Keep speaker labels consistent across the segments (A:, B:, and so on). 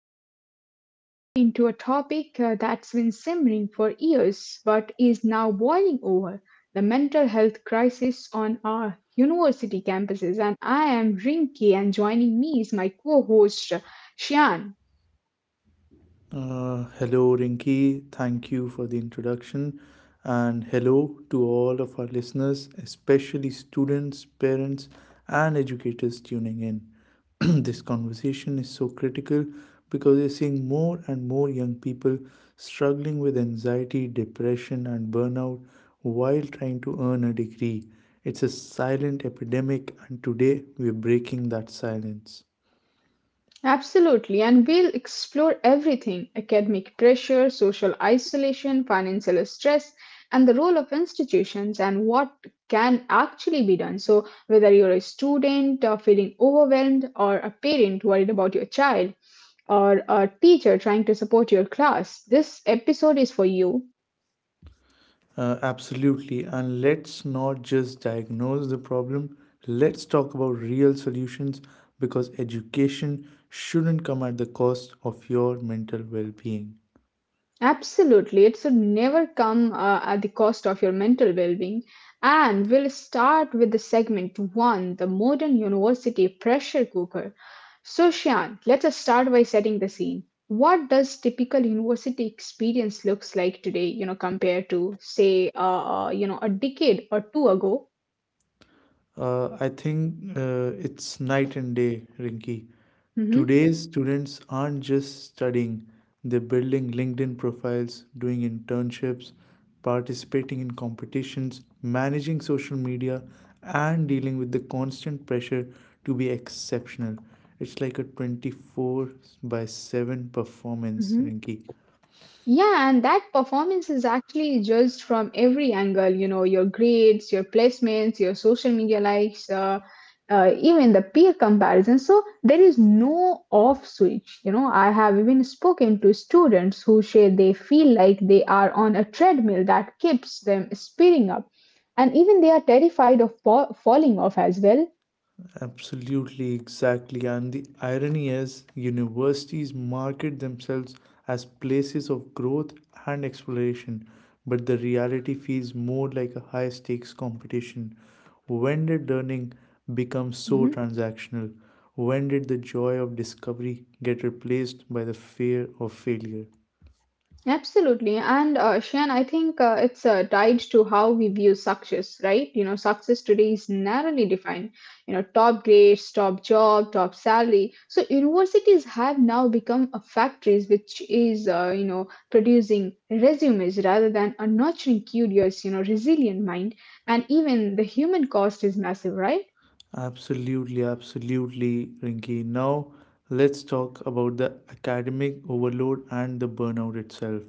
A: today we are diving deep into a topic that's been simmering for years but is now boiling over, the mental health crisis on our university campuses. And I am Rinki, and joining me is my co host, Shian.
B: Hello, Rinki. Thank you for the introduction. And hello to all of our listeners, especially students, parents, and educators tuning in. This conversation is so critical because we're seeing more and more young people struggling with anxiety, depression, and burnout while trying to earn a degree. It's a silent epidemic, and today we're breaking that silence.
A: Absolutely, and we'll explore everything: academic pressure, social isolation, financial stress, and the role of institutions and what can actually be done. So, whether you're a student feeling overwhelmed, or a parent worried about your child, or a teacher trying to support your class, this episode is for you.
B: Absolutely. And let's not just diagnose the problem, let's talk about real solutions because education shouldn't come at the cost of your mental well being.
A: Absolutely, it should never come at the cost of your mental well being. And we'll start with the segment one, the modern university pressure cooker. So, Shan, let us start by setting the scene. What does typical university experience looks like today, you know, compared to say, you know, a decade or two ago?
B: I think it's night and day, Rinky.
A: Mm-hmm.
B: Today's students aren't just studying, they're building LinkedIn profiles, doing internships, participating in competitions, managing social media, and dealing with the constant pressure to be exceptional. It's like a 24 by 7 performance, Rinky.
A: Yeah, and that performance is actually judged from every angle, you know, your grades, your placements, your social media likes, even the peer comparison. So there is no off switch. You know, I have even spoken to students who say they feel like they are on a treadmill that keeps them speeding up, and even they are terrified of falling off as well.
B: Absolutely, exactly. And the irony is, universities market themselves as places of growth and exploration, but the reality feels more like a high stakes competition. When did learning become so transactional? When did the joy of discovery get replaced by the fear of failure?
A: Absolutely. And Shian, I think it's tied to how we view success, right? You know, success today is narrowly defined. You know, top grades, top job, top salary. So universities have now become a factories which is, you know, producing resumes rather than a nurturing, curious, you know, resilient mind. And even the human cost is massive, right?
B: Absolutely, absolutely, Rinki. Now, let's talk about the academic overload and the burnout itself.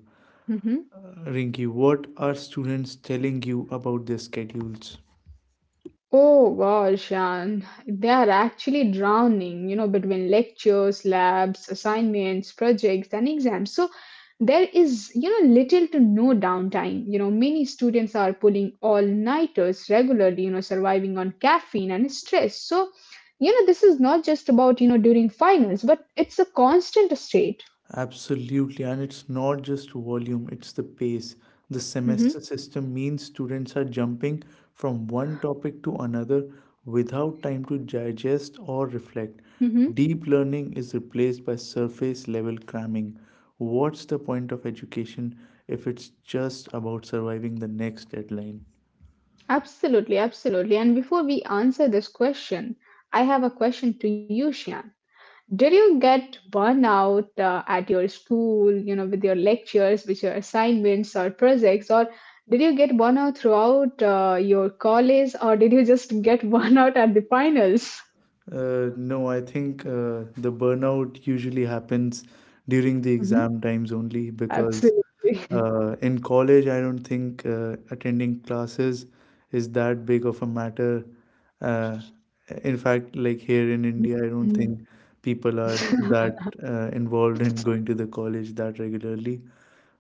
A: Mm-hmm.
B: Rinky, what are students telling you about their schedules?
A: Oh gosh, and they are actually drowning, you know, between lectures, labs, assignments, projects, and exams. So there is, you know, little to no downtime. You know, many students are pulling all-nighters regularly, you know, surviving on caffeine and stress. So, you know, this is not just about, you know, during finals, but it's a constant state.
B: Absolutely, and it's not just volume, it's the pace. The
A: Mm-hmm.
B: semester system means students are jumping from one topic to another without time to digest or reflect.
A: Mm-hmm.
B: Deep learning is replaced by surface level cramming. What's the point of education if it's just about surviving the next deadline?
A: Absolutely, absolutely. And before we answer this question, I have a question to you, Shan. Did you get burnout at your school, you know, with your lectures, with your assignments or projects, or did you get burnout throughout your college, or did you just get burnout at the finals?
B: No, I think the burnout usually happens during the
A: Mhm.
B: exam times only because
A: Absolutely.
B: in college, I don't think attending classes is that big of a matter. Uh, in fact, like here in India, I
A: Mhm.
B: don't think people are that involved in going to the college that regularly.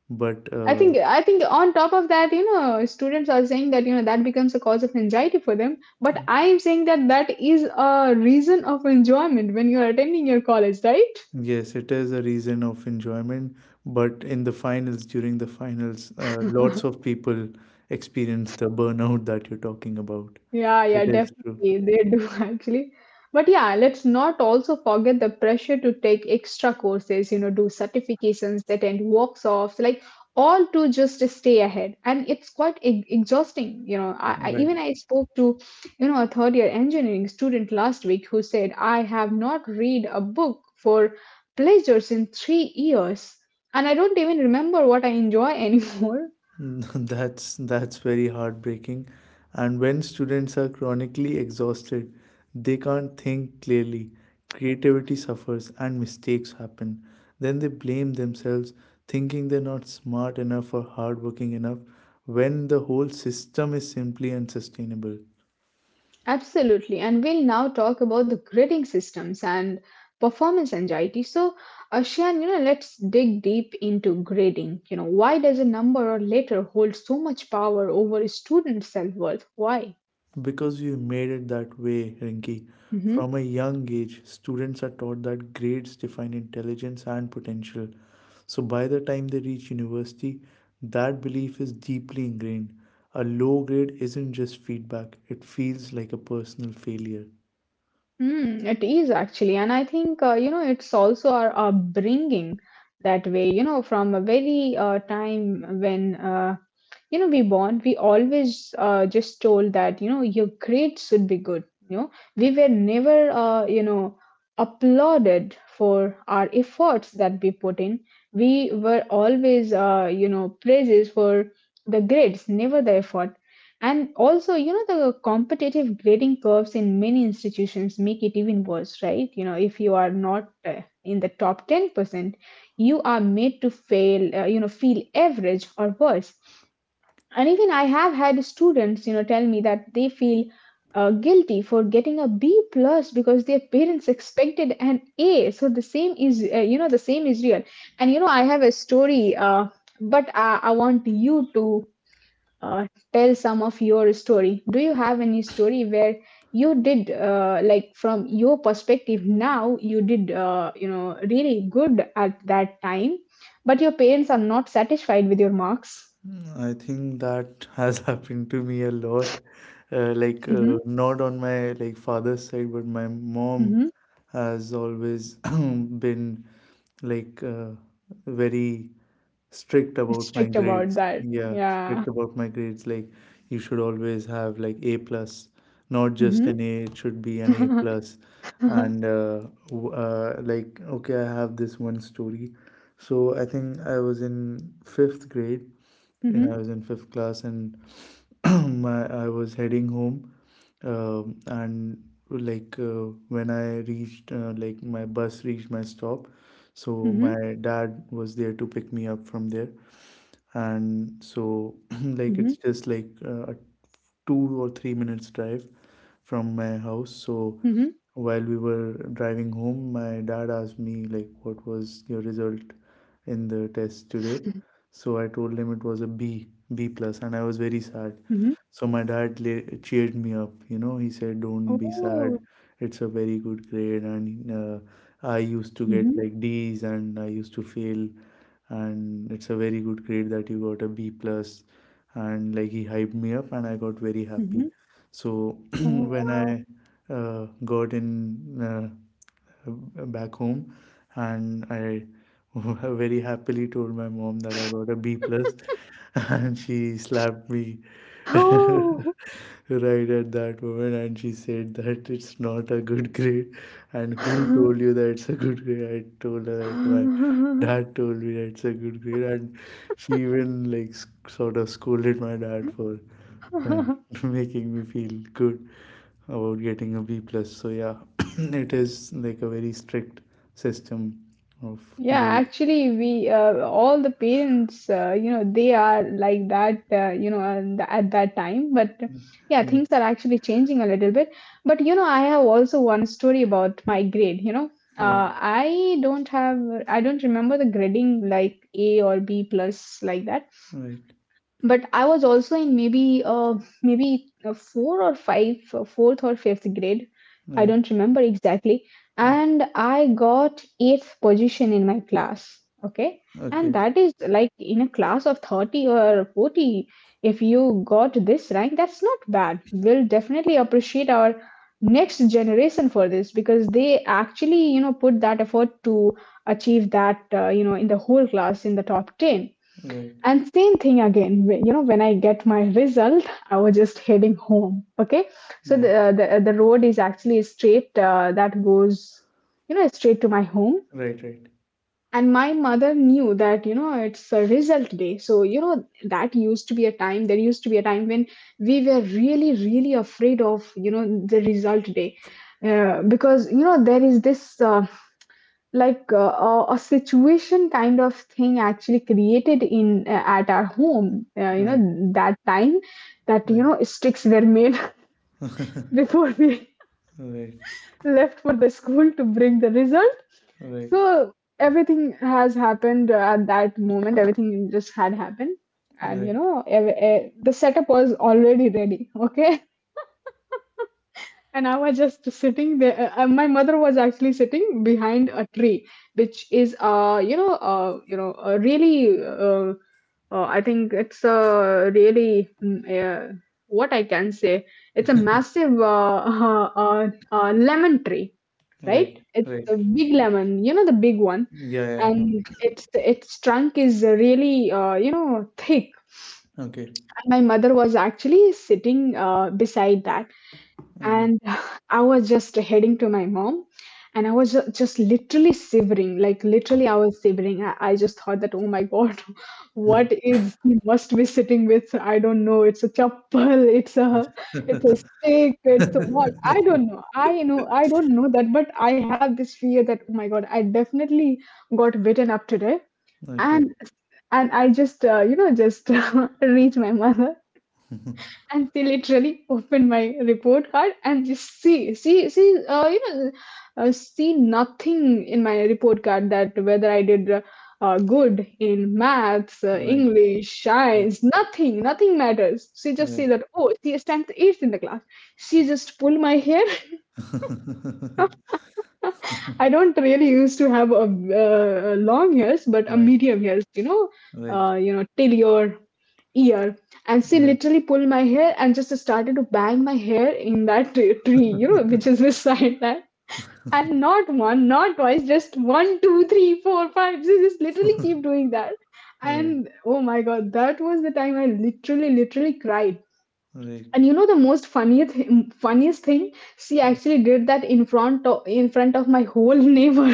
B: But
A: I think I think on top of that, you know, students are saying that you know that becomes a cause of anxiety for them. But I am saying that that is a reason of enjoyment when you are attending your college, right?
B: Yes, it is a reason of enjoyment, but in the finals, during the finals, lots of people experience the burnout that you're talking about.
A: Yeah, yeah,
B: It is true.
A: definitely. They do actually. But yeah, let's not also forget the pressure to take extra courses, you know, do certifications, attend workshops, like all to just stay ahead. And it's quite e exhausting, you know. I, I
B: Right.
A: even I spoke to, you know, a third year engineering student last week who said, I have not read a book for pleasures in 3 years, and I don't even remember what I enjoy anymore.
B: That's very heartbreaking. And when students are chronically exhausted, they can't think clearly. Creativity suffers and mistakes happen. Then they blame themselves, thinking they're not smart enough or hardworking enough, when the whole system is simply unsustainable.
A: Absolutely. And we'll now talk about the grading systems and performance anxiety. So, Ashian, you know, let's dig deep into grading. You know, why does a number or letter hold so much power over a student's self worth? Why?
B: Because you made it that way, Rinki.
A: Mm-hmm.
B: From a young age, students are taught that grades define intelligence and potential. So by the time they reach university, that belief is deeply ingrained. A low grade isn't just feedback, it feels like a personal failure.
A: Mm, it is actually. And I think, you know, it's also our upbringing that way, you know, from a very time when you know we born we always just told that you know your grades should be good. You know we were never you know applauded for our efforts that we put in, we were always you know praises for the grades, never the effort. And also you know the competitive grading curves in many institutions make it even worse, right? You know if you are not in the top 10%, you are made to fail you know feel average or worse. And even I have had students you know tell me that they feel guilty for getting a b plus because their parents expected an a, so the same is the same is real. And you know I have a story but I want you to uh, tell some of your story. Do you have any story where you did like from your perspective now you did you know really good at that time but your parents are not satisfied with your marks?
B: Mm, I think that has happened to me a lot. Like
A: Hmm.
B: not on my like father's side, but my mom has always been like uh, very strict about my
A: Strict about
B: grades.
A: that. Yeah.
B: Like you should always have like A plus, not just
A: Hmm.
B: an A. It should be an A
A: Hmm.
B: plus. And okay, I have this one story. So I think I was in fifth grade when
A: Hmm.
B: I was in fifth class, and my I was heading home, and when I reached, like my bus reached my stop, so
A: Hmm.
B: my dad was there to pick me up from there,
A: Hmm.
B: and so like it's just like a 2 or 3 minutes drive from my house, so while we were driving home, my dad asked me like what was your result in the test today. So I told him it was a B plus, and I was very sad.
A: Hmm.
B: So my dad cheered me up. You know, he said, "Don't be
A: Oh.
B: sad. It's a very good grade." And I used to get
A: Hmm.
B: like D's, and I used to fail, and it's a very good grade that you got a B plus. And like he hyped me up, and I got very
A: Hmm.
B: happy. So
A: Oh,
B: when
A: wow.
B: I got in uh, back home, and I very happily told my mom that I got a B plus, and she slapped me right at that moment, and she said that it's not a good grade, and who told you that it's a good grade? I told her that my dad told me that it's a good grade, and she even like sort of scolded my dad for and
A: Oh.
B: making me feel good about getting a B plus. So yeah, it is like a very strict system of
A: Yeah,
B: grades.
A: actually, we all the parents, you know, they are like that, you know, and at that time. But yeah,
B: Yeah,
A: things are actually changing a little bit. But you know, I have also one story about my grade. You know,
B: yeah,
A: uh, I don't have, I don't remember the grading like A or B plus like that,
B: right,
A: but I was also in maybe four or five, fourth or fifth grade. I
B: right,
A: don't remember exactly.
B: right.
A: And I got eighth position in my class. Okay. And
B: Okay,
A: that is like in a class of 30 or 40. If you got this rank that's not bad, we'll definitely appreciate our next generation for this because they actually you know put that effort to achieve that, you know, in the whole class, in the top 10.
B: right,
A: And same thing again, you know, when I get my result, I was just heading home. Okay, so
B: right,
A: the road is actually straight that goes, you know, straight to my home.
B: right, right,
A: And my mother knew that you know it's a result day, so you know that used to be a time. There used to be a time when we were really, really afraid of you know the result day, because you know there is this a situation kind of thing actually created in at our home you know
B: right,
A: that time, that
B: right,
A: you know sticks were made before we
B: right,
A: left for the school to bring the result.
B: right,
A: So everything has happened at that moment, everything just had happened. And you
B: right,
A: know the setup was already ready. Okay. And I was just sitting there. My mother was actually sitting behind a tree, which is, a really. I think it's a really, what I can say. It's a massive lemon tree, right?
B: right,
A: It's
B: right.
A: a big lemon. You know the big one,
B: Yeah, yeah, I know.
A: and its trunk is really you know thick.
B: Okay,
A: And my mother was actually sitting beside that,
B: okay.
A: and I was just heading to my mom. And I was just literally shivering, like literally I was shivering. I just thought that oh my god, what is he must be sitting with? I don't know, it's a chapel, it's a stick, it's a what, I don't know. I know I don't know that, but I have this fear that oh my god, I definitely got bitten up today.
B: Okay.
A: and and I just you know just reach my mother, and they literally open my report card and just see see see you know see nothing in my report card, that whether I did good in maths,
B: Right,
A: english,
B: right,
A: science, nothing, nothing matters. She just see
B: right,
A: that oh, she stands eighth in the class. She just pull my hair. I don't really used to have a, long hairs, but a
B: right,
A: medium hairs, you know,
B: right,
A: till your ear. And she
B: right.
A: literally pulled my hair and just started to bang my hair in that tree, you know, which is beside that. And not one, not twice, just one, two, three, four, five. She just literally keep doing that.
B: Right,
A: And oh my God, that was the time I literally, literally cried.
B: right.
A: And you know the most funniest thing, she actually did that in front of, my whole neighbor.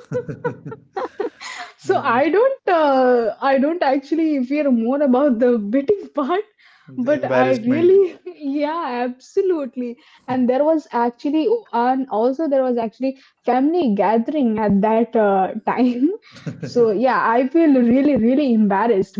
A: So i
B: Mm,
A: don't I don't actually fear more about the biting part,
B: the
A: but I
B: embarrassment.
A: really yeah, absolutely. And there was actually family gathering at that time. So yeah, I feel really really embarrassed.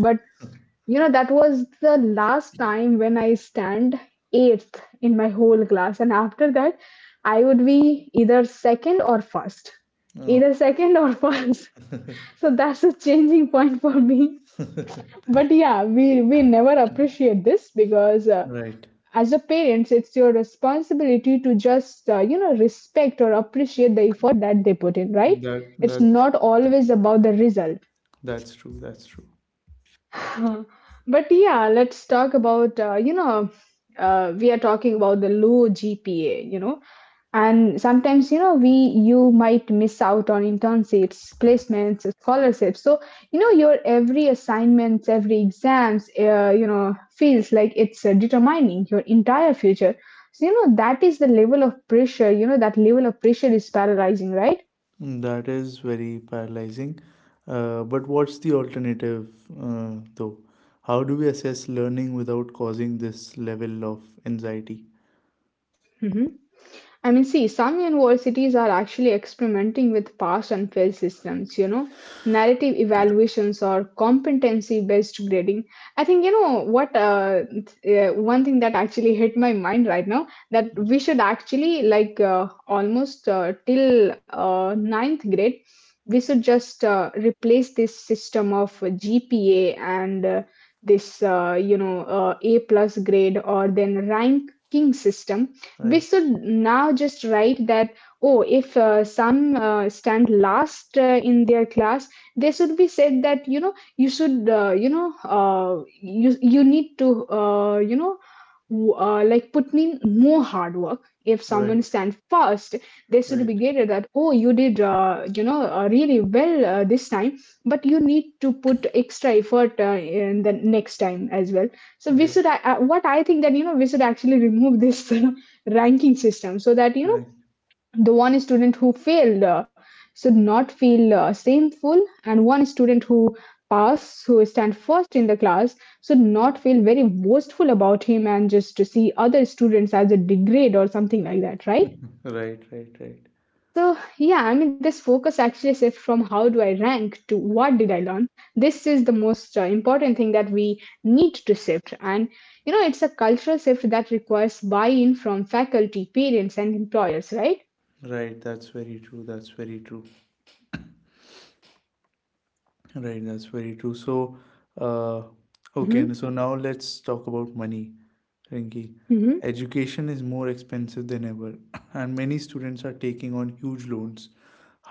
A: You know, that was the last time when I stand eighth in my whole class. And after that, I would be either second or first.
B: Oh,
A: Either second or first. So that's a changing point for me. But yeah, we never appreciate this because
B: right.
A: as a parents, it's your responsibility to just, you know, respect or appreciate the effort that they put in, right?
B: That that's
A: It's
B: tr-
A: not always about the result.
B: that's true. That's true.
A: But yeah, let's talk about we are talking about the low GPA, and sometimes, we you might miss out on internships, placements, scholarships. So, your every assignments, every exams feels like it's determining your entire future. So, that is the level of pressure. That level of pressure is paralyzing, right?
B: That is very paralyzing. But what's the alternative, though? How do we assess learning without causing this level of anxiety?
A: I mean, see, some universities are actually experimenting with pass and fail systems, you know, narrative evaluations or competency based grading. I think, one thing that actually hit my mind right now, that we should actually, like, almost till ninth grade, we should just replace this system of GPA and this, A plus grade or then ranking system. We
B: Right,
A: should now just write that, oh, if some stand last in their class, they should be said that, you know, you should you need to like put in more hard work. If someone
B: right,
A: stand first, they should be
B: right,
A: graded that, oh, you did really well this time, but you need to put extra effort in the next time as well. So we
B: right.
A: should what I think, that, you know, we should actually remove this ranking system, so that, you know,
B: Right,
A: the one student who failed should not feel shameful, and one student who passed, who stand first in the class, should not feel very boastful about him and just to see other students as a degrade or something like that, right?
B: right, right, right,
A: So yeah, I mean, this focus actually shift from how do I rank to what did I learn. This is the most important thing that we need to shift. And you know, it's a cultural shift that requires buy-in from faculty, parents and employers, right?
B: right. That's very true. That's very true. Right, that's very true. So, uh, okay, and
A: Mm-hmm.
B: so now let's talk about money, Rinki.
A: Mm-hmm.
B: Education is more expensive than ever, and many students are taking on huge loans.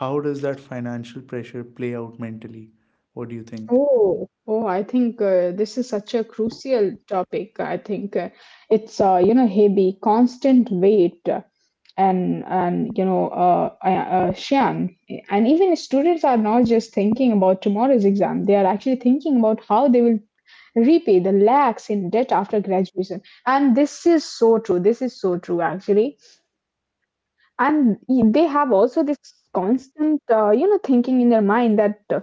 B: How does that financial pressure play out mentally? What do you think?
A: Oh, oh, I think this is such a crucial topic. I think it's you know, heavy, constant weight, and you know sham. And even students are not just thinking about tomorrow's exam; they are actually thinking about how they will repay the lakhs in debt after graduation. And this is so true. This is so true, actually. And they have also this constant thinking in their mind, that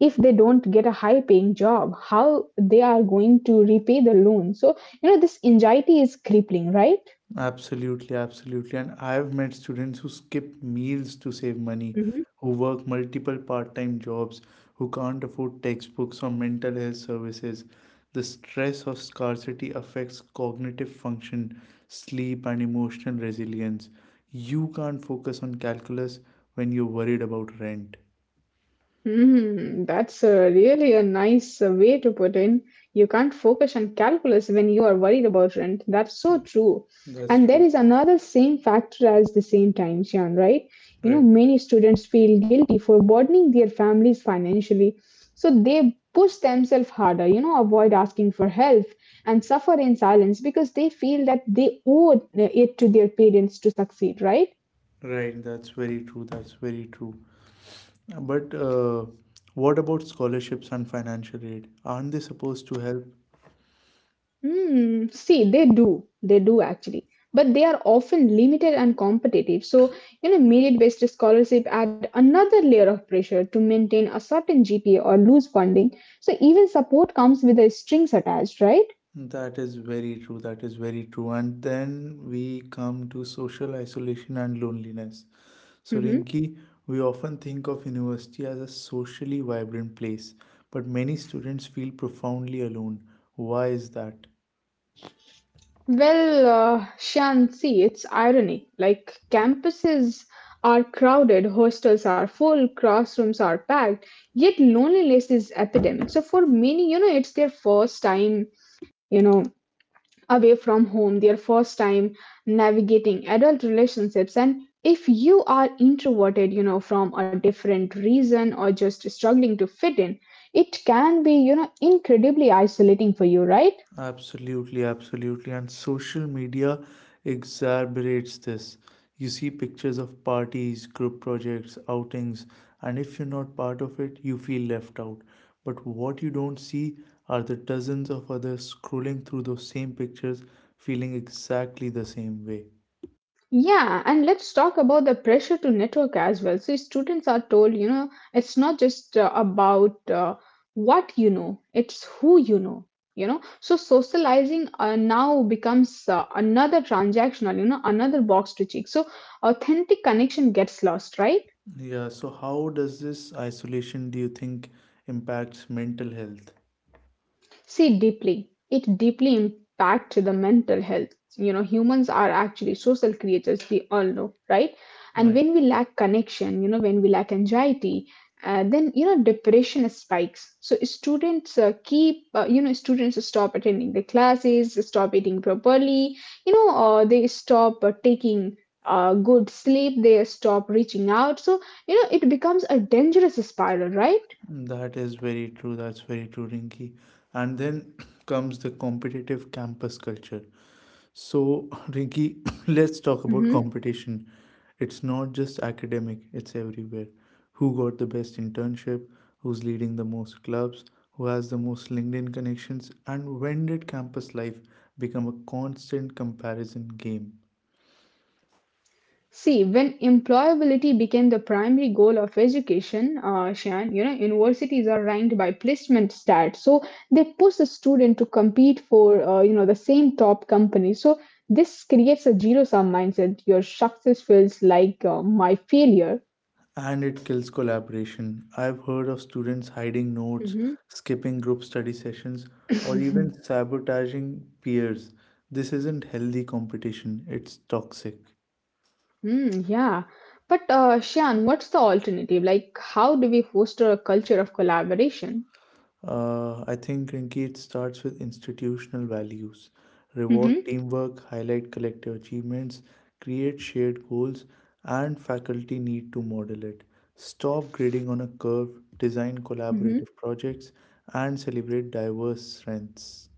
A: if they don't get a high paying job, how they are going to repay the loan. So, you know, this anxiety is crippling, right?
B: Absolutely, absolutely. And I've met students who skip meals to save money, who work multiple part time jobs, who can't afford textbooks or mental health services. The stress of scarcity affects cognitive function, sleep, and emotional resilience. You can't focus on calculus when you're worried about rent.
A: Hmm, that's really a nice way to put in. You can't focus on calculus when you are worried about rent. That's so
B: That's,
A: true.
B: that's
A: And there
B: true.
A: is another same factor as the same time, Sian, right? You know,
B: Right.
A: many students feel guilty for burdening their families financially. So they push themselves harder, you know, avoid asking for help and suffer in silence because they feel that they owe it to their parents to succeed, right?
B: Right. That's very true. That's very true. But What about scholarships and financial aid? Aren't they supposed to help?
A: Mm, see, they do. They do actually. But they are often limited and competitive. So, you know, merit-based scholarship add another layer of pressure to maintain a certain GPA or lose funding. So even support comes with the strings attached, right?
B: That is very true. That is very true. And then we come to social isolation and loneliness. So,
A: Hmm.
B: Rinki, we often think of university as a socially vibrant place, but many students feel profoundly alone. Why is that?
A: Well, Shan, see, it's irony. Like campuses are crowded, hostels are full, classrooms are packed, yet loneliness is epidemic. So for many, you know, it's their first time, you know, away from home, their first time navigating adult relationships. And if you are introverted, you know, from a different reason or just struggling to fit in, it can be, you know, incredibly isolating for you, right?
B: Absolutely, absolutely. And social media exacerbates this. You see pictures of parties, group projects, outings, and if you're not part of it, you feel left out. But what you don't see are the dozens of others scrolling through those same pictures, feeling exactly the same way.
A: Yeah, and let's talk about the pressure to network as well. So, students are told, you know, it's not just about what you know, it's who you know, you know. So, socializing now becomes another transactional, you know, another box to check. So, authentic connection gets lost, right?
B: Yeah, so how does this isolation, do you think, impacts mental health?
A: See, deeply. It deeply impacts the mental health. You know, humans are actually social creatures, we all know, right? And
B: Right.
A: when we lack connection, you know, when we lack anxiety, then, you know, depression spikes. So students keep, students stop attending the classes, stop eating properly, you know, or they stop taking good sleep, they stop reaching out. So, you know, it becomes a dangerous spiral, right?
B: That is very true. That's very true, Rinky. And then comes the competitive campus culture. So, Rinky, let's talk about competition. It's not just academic, it's everywhere. Who got the best internship? Who's leading the most clubs? Who has the most LinkedIn connections? And when did campus life become a constant comparison game?
A: See, when employability became the primary goal of education, Shan, you know, universities are ranked by placement stats. So they push the student to compete for, the same top company. So this creates a zero-sum mindset. Your success feels like my failure.
B: And it kills collaboration. I've heard of students hiding notes,
A: Hmm.
B: skipping group study sessions, or even sabotaging peers. This isn't healthy competition, it's toxic.
A: Mm, yeah. But Shan, what's the alternative? Like, how do we foster a culture of collaboration?
B: I think, Rinki, it starts with institutional values. Reward
A: Hmm.
B: teamwork, highlight collective achievements, create shared goals, and faculty need to model it. Stop grading on a curve, design collaborative projects, and celebrate diverse strengths.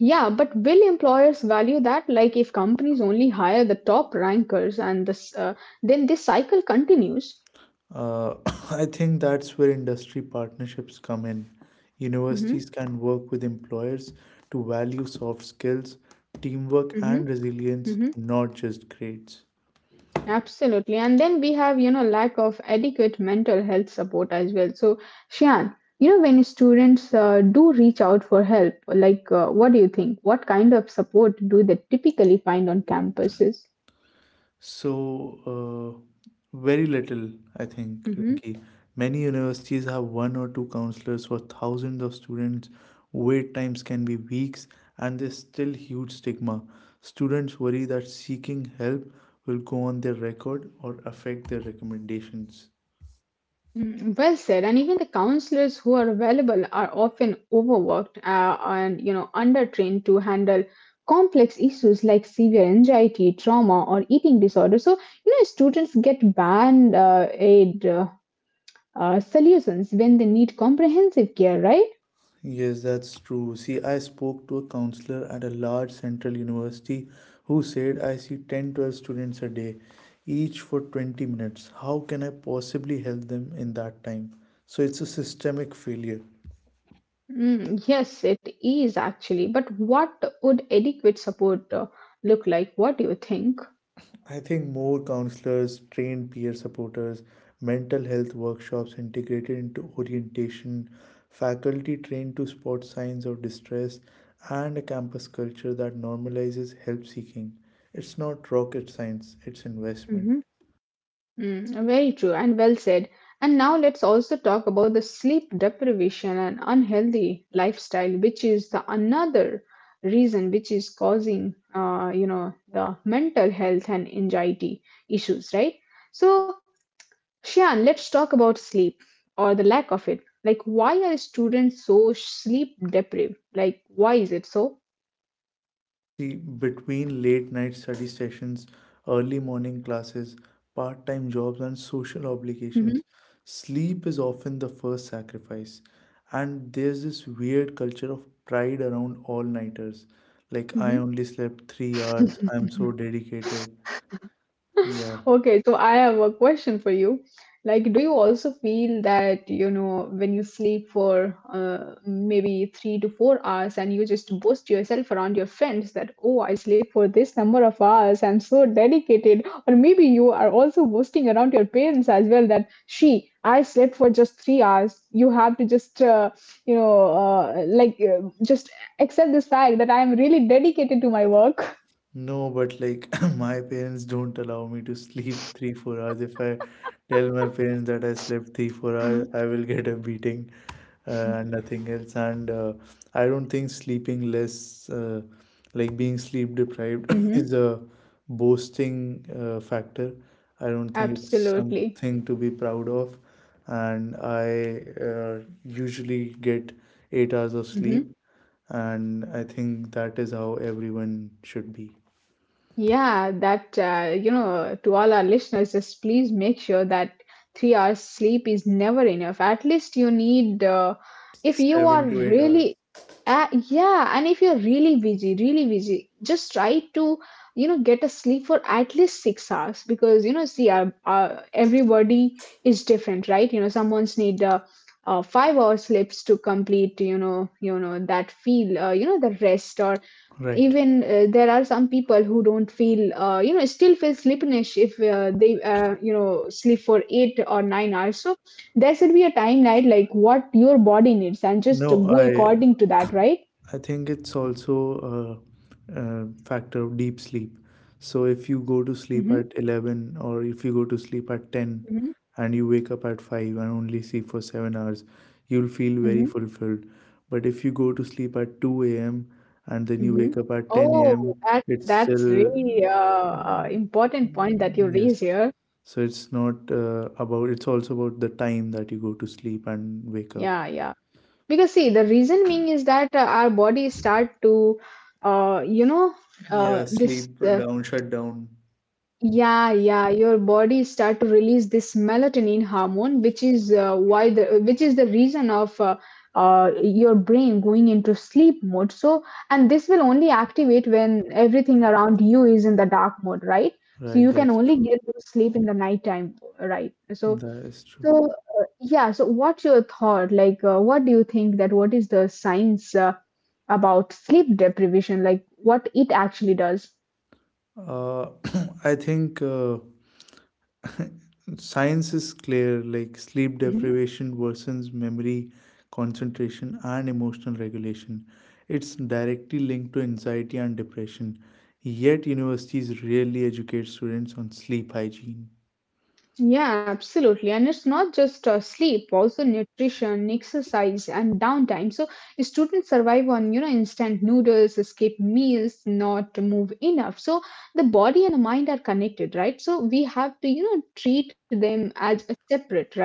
A: Yeah, but will employers value that? Like, if companies only hire the top rankers and then this cycle continues.
B: Uh, I think that's where industry partnerships come in. Universities
A: Hmm.
B: can work with employers to value soft skills, teamwork,
A: Hmm.
B: and resilience,
A: Hmm.
B: not just grades.
A: Absolutely. And then we have, you know, lack of adequate mental health support as well. So, Shan, you know, when students do reach out for help, like, what do you think? What kind of support do they typically find on campuses?
B: So, uh, very little, I think,
A: Mm-hmm.
B: Rinki. Many universities have one or two counselors for thousands of students. Wait times can be weeks, and there's still huge stigma. Students worry that seeking help will go on their record or affect their recommendations.
A: Mm, well said. And even the counselors who are available are often overworked and you know undertrained to handle complex issues like severe anxiety, trauma, or eating disorder. So you know students get band aid solutions when they need comprehensive care, right?
B: Yes, that's true. See, I spoke to a counselor at a large central university who said I see 10, 12 students a day, each for 20 minutes. How can I possibly help them in that time? So it's a systemic failure.
A: Mm, yes, it is actually. But what would adequate support look like? What do you think?
B: I think more counselors, trained peer supporters, mental health workshops integrated into orientation, faculty trained to spot signs of distress, and a campus culture that normalizes help seeking. It's not rocket science, it's investment.
A: Mm-hmm. Mm, very true and well said. And now let's also talk about the sleep deprivation and unhealthy lifestyle, which is the another reason which is causing, you know, the mental health and anxiety issues, right? So, Shian, let's talk about sleep or the lack of it. Like, why are students so sleep deprived? Like, why is it so?
B: See, between late night study sessions, early morning classes, part time jobs, and social
A: Mm-hmm.
B: obligations, sleep is often the first sacrifice. And there's this weird culture of pride around all nighters. Like, I only slept 3 hours, I'm so
A: Mm-hmm.
B: dedicated. Yeah.
A: Okay, so I have a question for you. Like, do you also feel that, you know, when you sleep for maybe 3 to 4 hours and you just boast yourself around your friends, that, oh, I sleep for this number of hours, I'm so dedicated? Or maybe you are also boasting around your parents as well, that, she, I slept for just 3 hours. You have to just, just accept this fact, that I'm really dedicated to my work.
B: No, but like my parents don't allow me to sleep three, 4 hours. If I tell my parents that I slept three, four hours,
A: Mhm.
B: I will get a beating and nothing else. And I don't think sleeping less, like being sleep deprived,
A: Hmm.
B: is a boasting factor. I don't think it's
A: Absolutely.
B: something to be proud of. And I usually get 8 hours of
A: Mm-hmm.
B: sleep, and I think that is how everyone should be.
A: Yeah, that, you know, to all our listeners, just please make sure that 3 hours sleep is never enough. At least you need, if you are
B: 7 to 8 hours.
A: really, yeah, and if you're really busy, just try to, you know, get a sleep for at least 6 hours, because, you know, see, everybody is different, right? You know, someone's need, 5 hour sleeps to complete, you know, that feel, you know, the rest. Or
B: Right.
A: even there are some people who don't feel you know, still feel sleepiness if they you know sleep for 8 or 9 hours. So there should be a timeline, like what your body needs, and just
B: No,
A: go according to that, right?
B: I think it's also a factor of deep sleep. So if you go to sleep
A: Mm-hmm.
B: at 11 or if you go to sleep at 10
A: Mm-hmm.
B: and you wake up at 5 and only sleep for 7 hours, you'll feel very
A: Mm-hmm.
B: fulfilled. But if you go to sleep at 2 a.m. and then you
A: Mm-hmm.
B: wake up at 10 a.m.,
A: Oh, that's
B: it's still
A: that's really
B: mm,
A: important point that you raise
B: yes,
A: here.
B: so it's not it's also about the time that you go to sleep and wake up.
A: Yeah, yeah. Because see, the reason being is that our body start to you know
B: Yeah,
A: this
B: sleep down, shut down.
A: yeah, yeah, your body start to release this melatonin hormone, which is why the which is the reason of your brain going into sleep mode. So, and this will only activate when everything around you is in the dark mode, right? So
B: Right,
A: you can
B: that's
A: only
B: true.
A: get to sleep in the nighttime, right? So,
B: That is true.
A: so yeah. So, what's your thought? Like, what do you think, that what is the science about sleep deprivation? Like, what it actually does?
B: Uh, I think science is clear, like sleep deprivation worsens memory, concentration, and emotional regulation. It's directly linked to anxiety and depression. Yet, universities rarely educate students on sleep hygiene.
A: Yeah, absolutely. And it's not just sleep, also nutrition, exercise, and downtime. So students survive on, you know, instant noodles, escape meals, not move enough. So the body and the mind are connected, right? So we have to, you know, treat them as a separate, right?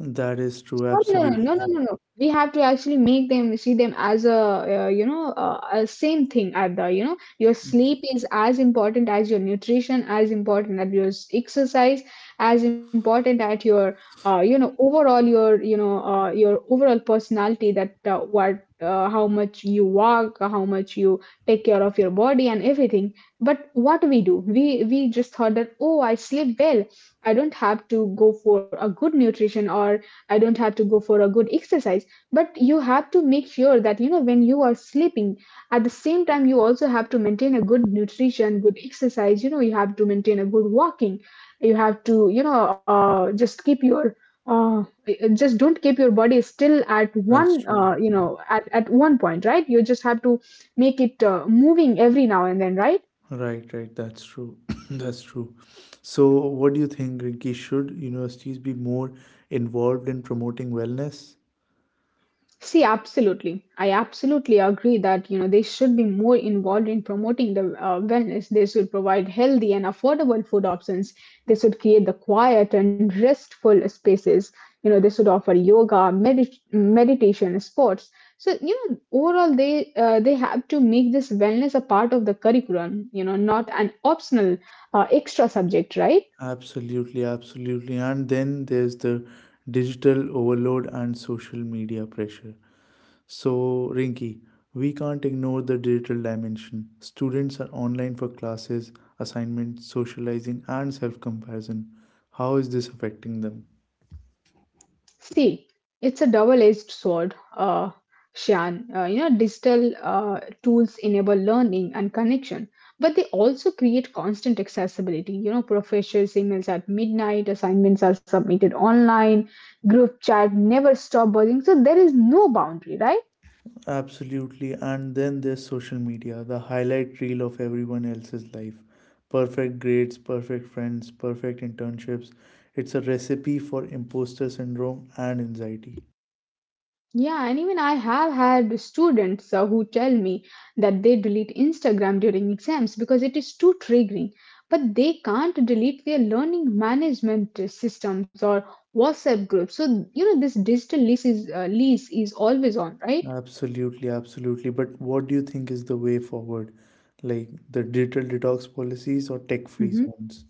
B: That is true,
A: No, no, no, no, no,
B: absolutely.
A: no. We have to actually make them, see them as a, a same thing. At the, you know, your sleep is as important as your nutrition, as important as your exercise, as important at your, you know, overall your, you know, your overall personality, that how much you walk, how much you take care of your body and everything. But what we do, we just thought that, oh, I sleep well. I don't have to go for a good nutrition, or I don't have to go for a good exercise. But you have to make sure that, you know, when you are sleeping, at the same time, you also have to maintain a good nutrition, good exercise. You know, you have to maintain a good walking. You have to, you know, just keep your uh, just don't keep your body still at
B: That's
A: one
B: true.
A: uh, you know at one point, right? You just have to make it moving every now and then, right?
B: Right, right. That's true. That's true. So, what do you think, Rinki? Should universities be more involved in promoting wellness?
A: See, absolutely. I absolutely agree that you know they should be more involved in promoting the wellness. They should provide healthy and affordable food options. They should create the quiet and restful spaces. You know they should offer yoga, meditation, sports. So you know overall they have to make this wellness a part of the curriculum. You know, not an optional extra subject, right?
B: Absolutely, absolutely. And then there's the digital overload and social media pressure. So, Rinki, we can't ignore the digital dimension. Students are online for classes, assignments, socializing, and self comparison. How is this affecting them?
A: See, it's a double-edged sword, Shan. You know, digital tools enable learning and connection, but they also create constant accessibility. You know, professors' emails at midnight, assignments are submitted online, group chat never stop buzzing. So there is no boundary, right?
B: Absolutely. And then there's social media, the highlight reel of everyone else's life. Perfect grades, perfect friends, perfect internships. It's a recipe for imposter syndrome and anxiety.
A: Yeah, and even I have had students who tell me that they delete Instagram during exams because it is too triggering, but they can't delete their learning management systems or WhatsApp groups. So, you know, this digital lease is always on, right?
B: Absolutely, absolutely. But what do you think is the way forward? Like the digital detox policies or tech free
A: Mhm.
B: zones?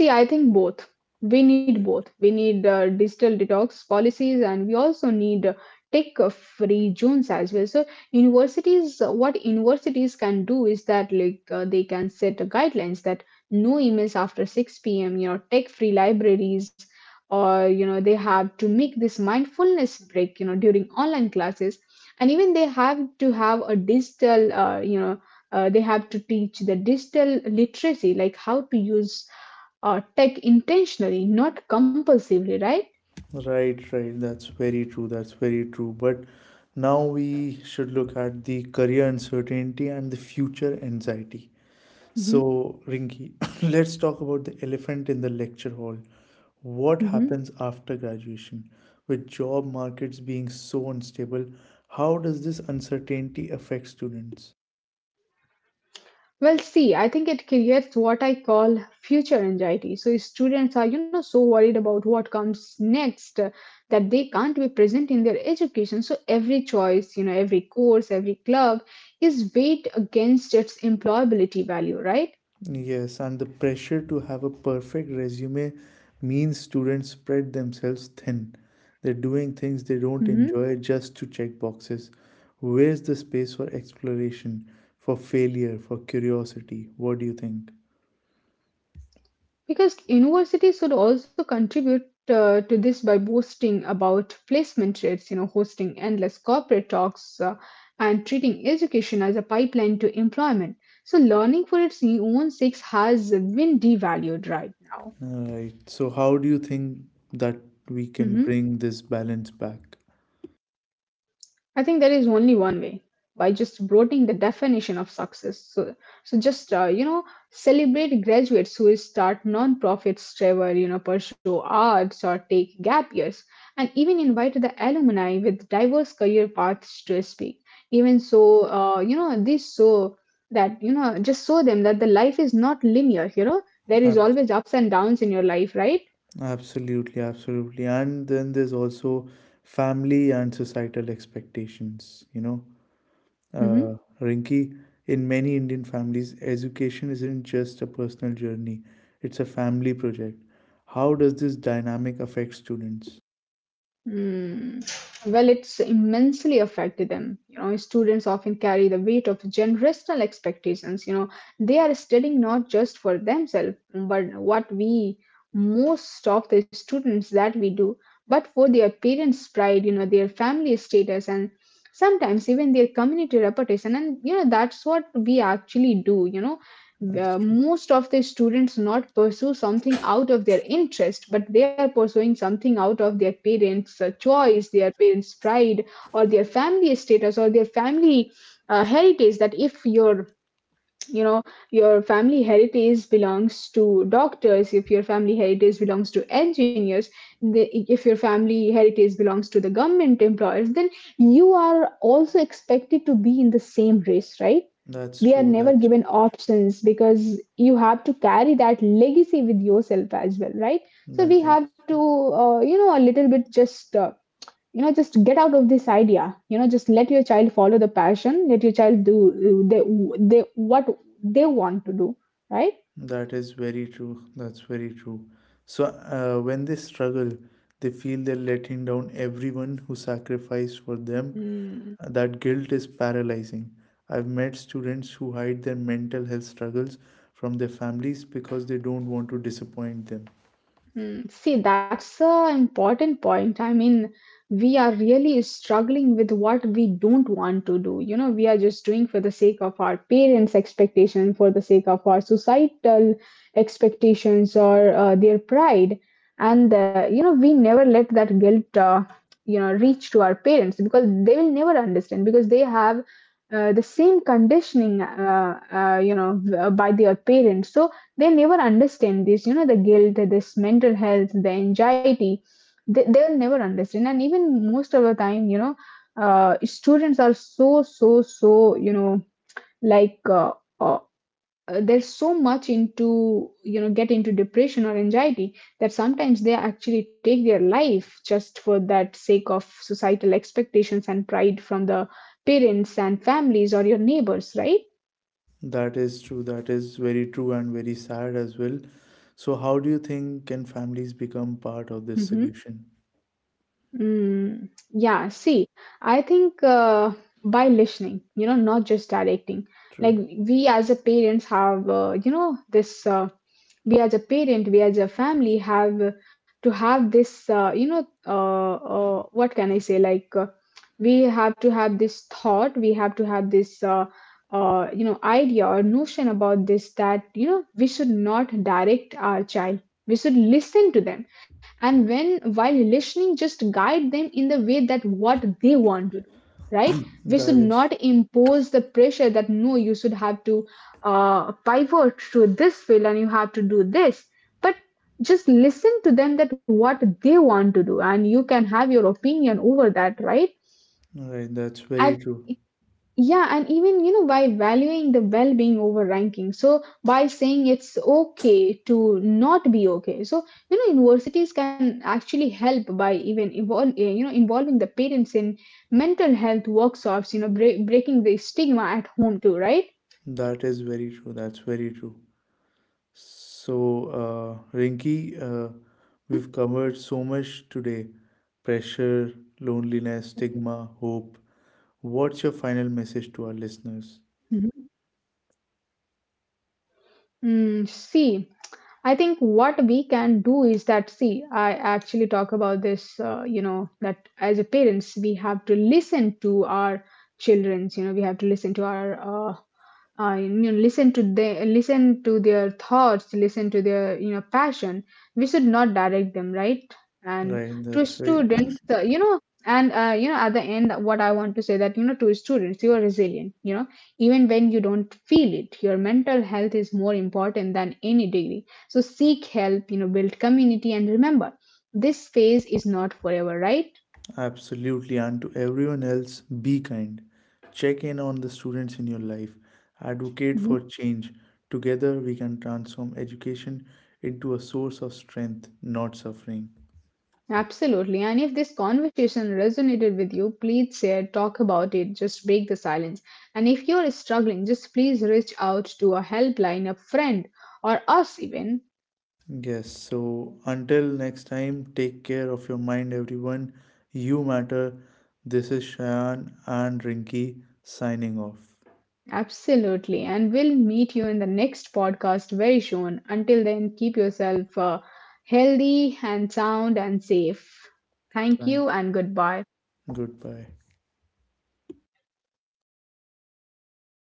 A: See, I think both. We need both. We need digital detox policies and we also need tech free zones as well. So, what universities can do is that like they can set guidelines that no emails after 6 p.m., you know, tech free libraries, or you know, they have to make this mindfulness break, you know, during online classes. And even they have to have a digital, you know, they have to teach the digital literacy, like how to use tech intentionally, not compulsively, right?
B: Right, right. That's very true. That's very true. But now we should look at the career uncertainty and the future anxiety.
A: Hmm.
B: So, Rinki, let's talk about the elephant in the lecture hall. What
A: Hmm.
B: happens after graduation? With job markets being so unstable, how does this uncertainty affect students?
A: Well, see, I think it creates what I call future anxiety. So students are, you know, so worried about what comes next that they can't be present in their education. So every choice, you know, every course, every club is weighed against its employability value, right?
B: Yes, and the pressure to have a perfect resume means students spread themselves thin. They're doing things they don't enjoy just to check boxes. Where's the space for exploration, for failure, for curiosity? What do you think?
A: Because universities should also contribute to this by boasting about placement rates, you know, hosting endless corporate talks, and treating education as a pipeline to employment. So learning for its own sake has been devalued right now.
B: Right. So, how do you think that we can
A: Mhm.
B: bring this balance back?
A: I think there is only one way, by just broadening the definition of success. So, so just, you know, celebrate graduates who start non-profits, travel, you know, pursue arts or take gap years, and even invite the alumni with diverse career paths to speak. Even so, you know, this, so that you know, just show them that the life is not linear. You know, there is
B: Abs-
A: always ups and downs in your life, right?
B: Absolutely, absolutely. And then there's also family and societal expectations, you know.
A: Mm-hmm.
B: Uh, Rinki, in many Indian families, education isn't just a personal journey, it's a family project. How does this dynamic affect students?
A: Mm. Well, it's immensely affected them. You know, students often carry the weight of generational expectations. You know, they are studying not just for themselves, but what we, most of the students that we do, but for their parents' pride, you know, their family status, and sometimes even their community reputation. And, you know, that's what we actually do, you know,
B: That's true.
A: most of the students not pursue something out of their interest, but they are pursuing something out of their parents' choice, their parents pride or their family status or their family heritage. That if your, you know, your family heritage belongs to doctors, if your family heritage belongs to engineers, if your family heritage belongs to the government employers, then you are also expected to be in the same race, right?
B: That's
A: We are
B: true.
A: never
B: That's
A: given
B: great.
A: options because you have to carry that legacy with yourself as well, right? So we
B: That is
A: have to
B: true.
A: you know, a little bit just you know, just get out of this idea, you know, just let your child follow the passion, let your child do they what they want to do, right?
B: That is very true. That's very true. So, when they struggle, they feel they're letting down everyone who sacrificed for them.
A: Mm.
B: That guilt is paralyzing. I've met students who hide their mental health struggles from their families because they don't want to disappoint them.
A: Mm, see, that's an important point. I mean, we are really struggling with what we don't want to do. You know, we are just doing for the sake of our parents' expectation, for the sake of our societal expectations or their pride. And, you know, we never let that guilt you know, reach to our parents because they will never understand because they have the same conditioning, you know, by their parents. So, they never understand this, you know, the guilt, this mental health, the anxiety. They'll never understand. And even most of the time, you know, students are so you know, like uh, uh, they're so much into, you know, get into depression or anxiety that sometimes they actually take their life just for that sake of societal expectations and pride from the parents and families or your neighbors, right?
B: That is true. That is very true and very sad as well. So, how do you think can families become part of this
A: Mm-hmm.
B: solution?
A: Mm, yeah, see, I think by listening, you know, not just directing. Like
B: True.
A: we as a parents have, you know, this. We as a parent, we as a family have to have this. What can I say? Like we have to have this thought. We have to have this. You know, idea or notion about this, that you know we should not direct our child. We should listen to them, and when, while listening, just guide them in the way that what they want to do, right? We
B: That
A: should
B: is
A: not
B: true.
A: impose the pressure that no, you should have to pivot to this field and you have to do this, but just listen to them that what they want to do, and you can have your opinion over that, right?
B: All right. That's
A: I.
B: very true.
A: Yeah, and even, you know, by valuing the well being over ranking. So, by saying it's okay to not be okay. So, you know, universities can actually help by even you know, involving the parents in mental health workshops, you know, breaking the stigma at home too, right?
B: That is very true. That's very true. So, Rinki,
A: Hmm.
B: we've covered so much today: pressure, loneliness, stigma, hope. What's your final message to our listeners?
A: Mm, see, I think what we can do is that, see, I actually talk about this, you know, that as a parents, we have to listen to our you know, we have to listen to our, you know, listen to the listen to their thoughts, listen to their, you know, passion. We should not direct them, right? And
B: Right,
A: to
B: that's right.
A: students, you know, at the end, what I want to say that, you know, to students, you are resilient, you know, even when you don't feel it. Your mental health is more important than any degree, so seek help, you know, build community and remember this phase is not forever, right?
B: Absolutely. And to everyone else, be kind. Check in on the students in your life. Advocate
A: Mhm.
B: for change. Together, we can transform education into a source of strength, not suffering.
A: Absolutely, and if this conversation resonated with you, please share, talk about it, just break the silence. And if you're struggling, just please reach out to a helpline, a friend, or us even.
B: Yes, so until next time, take care of your mind, everyone. You matter. This is Shayan and Rinki signing off.
A: Absolutely. And we'll meet you in the next podcast very soon. Until then, keep yourself healthy and sound and safe. Thank
B: Thank
A: you
B: you.
A: and goodbye.
B: Goodbye.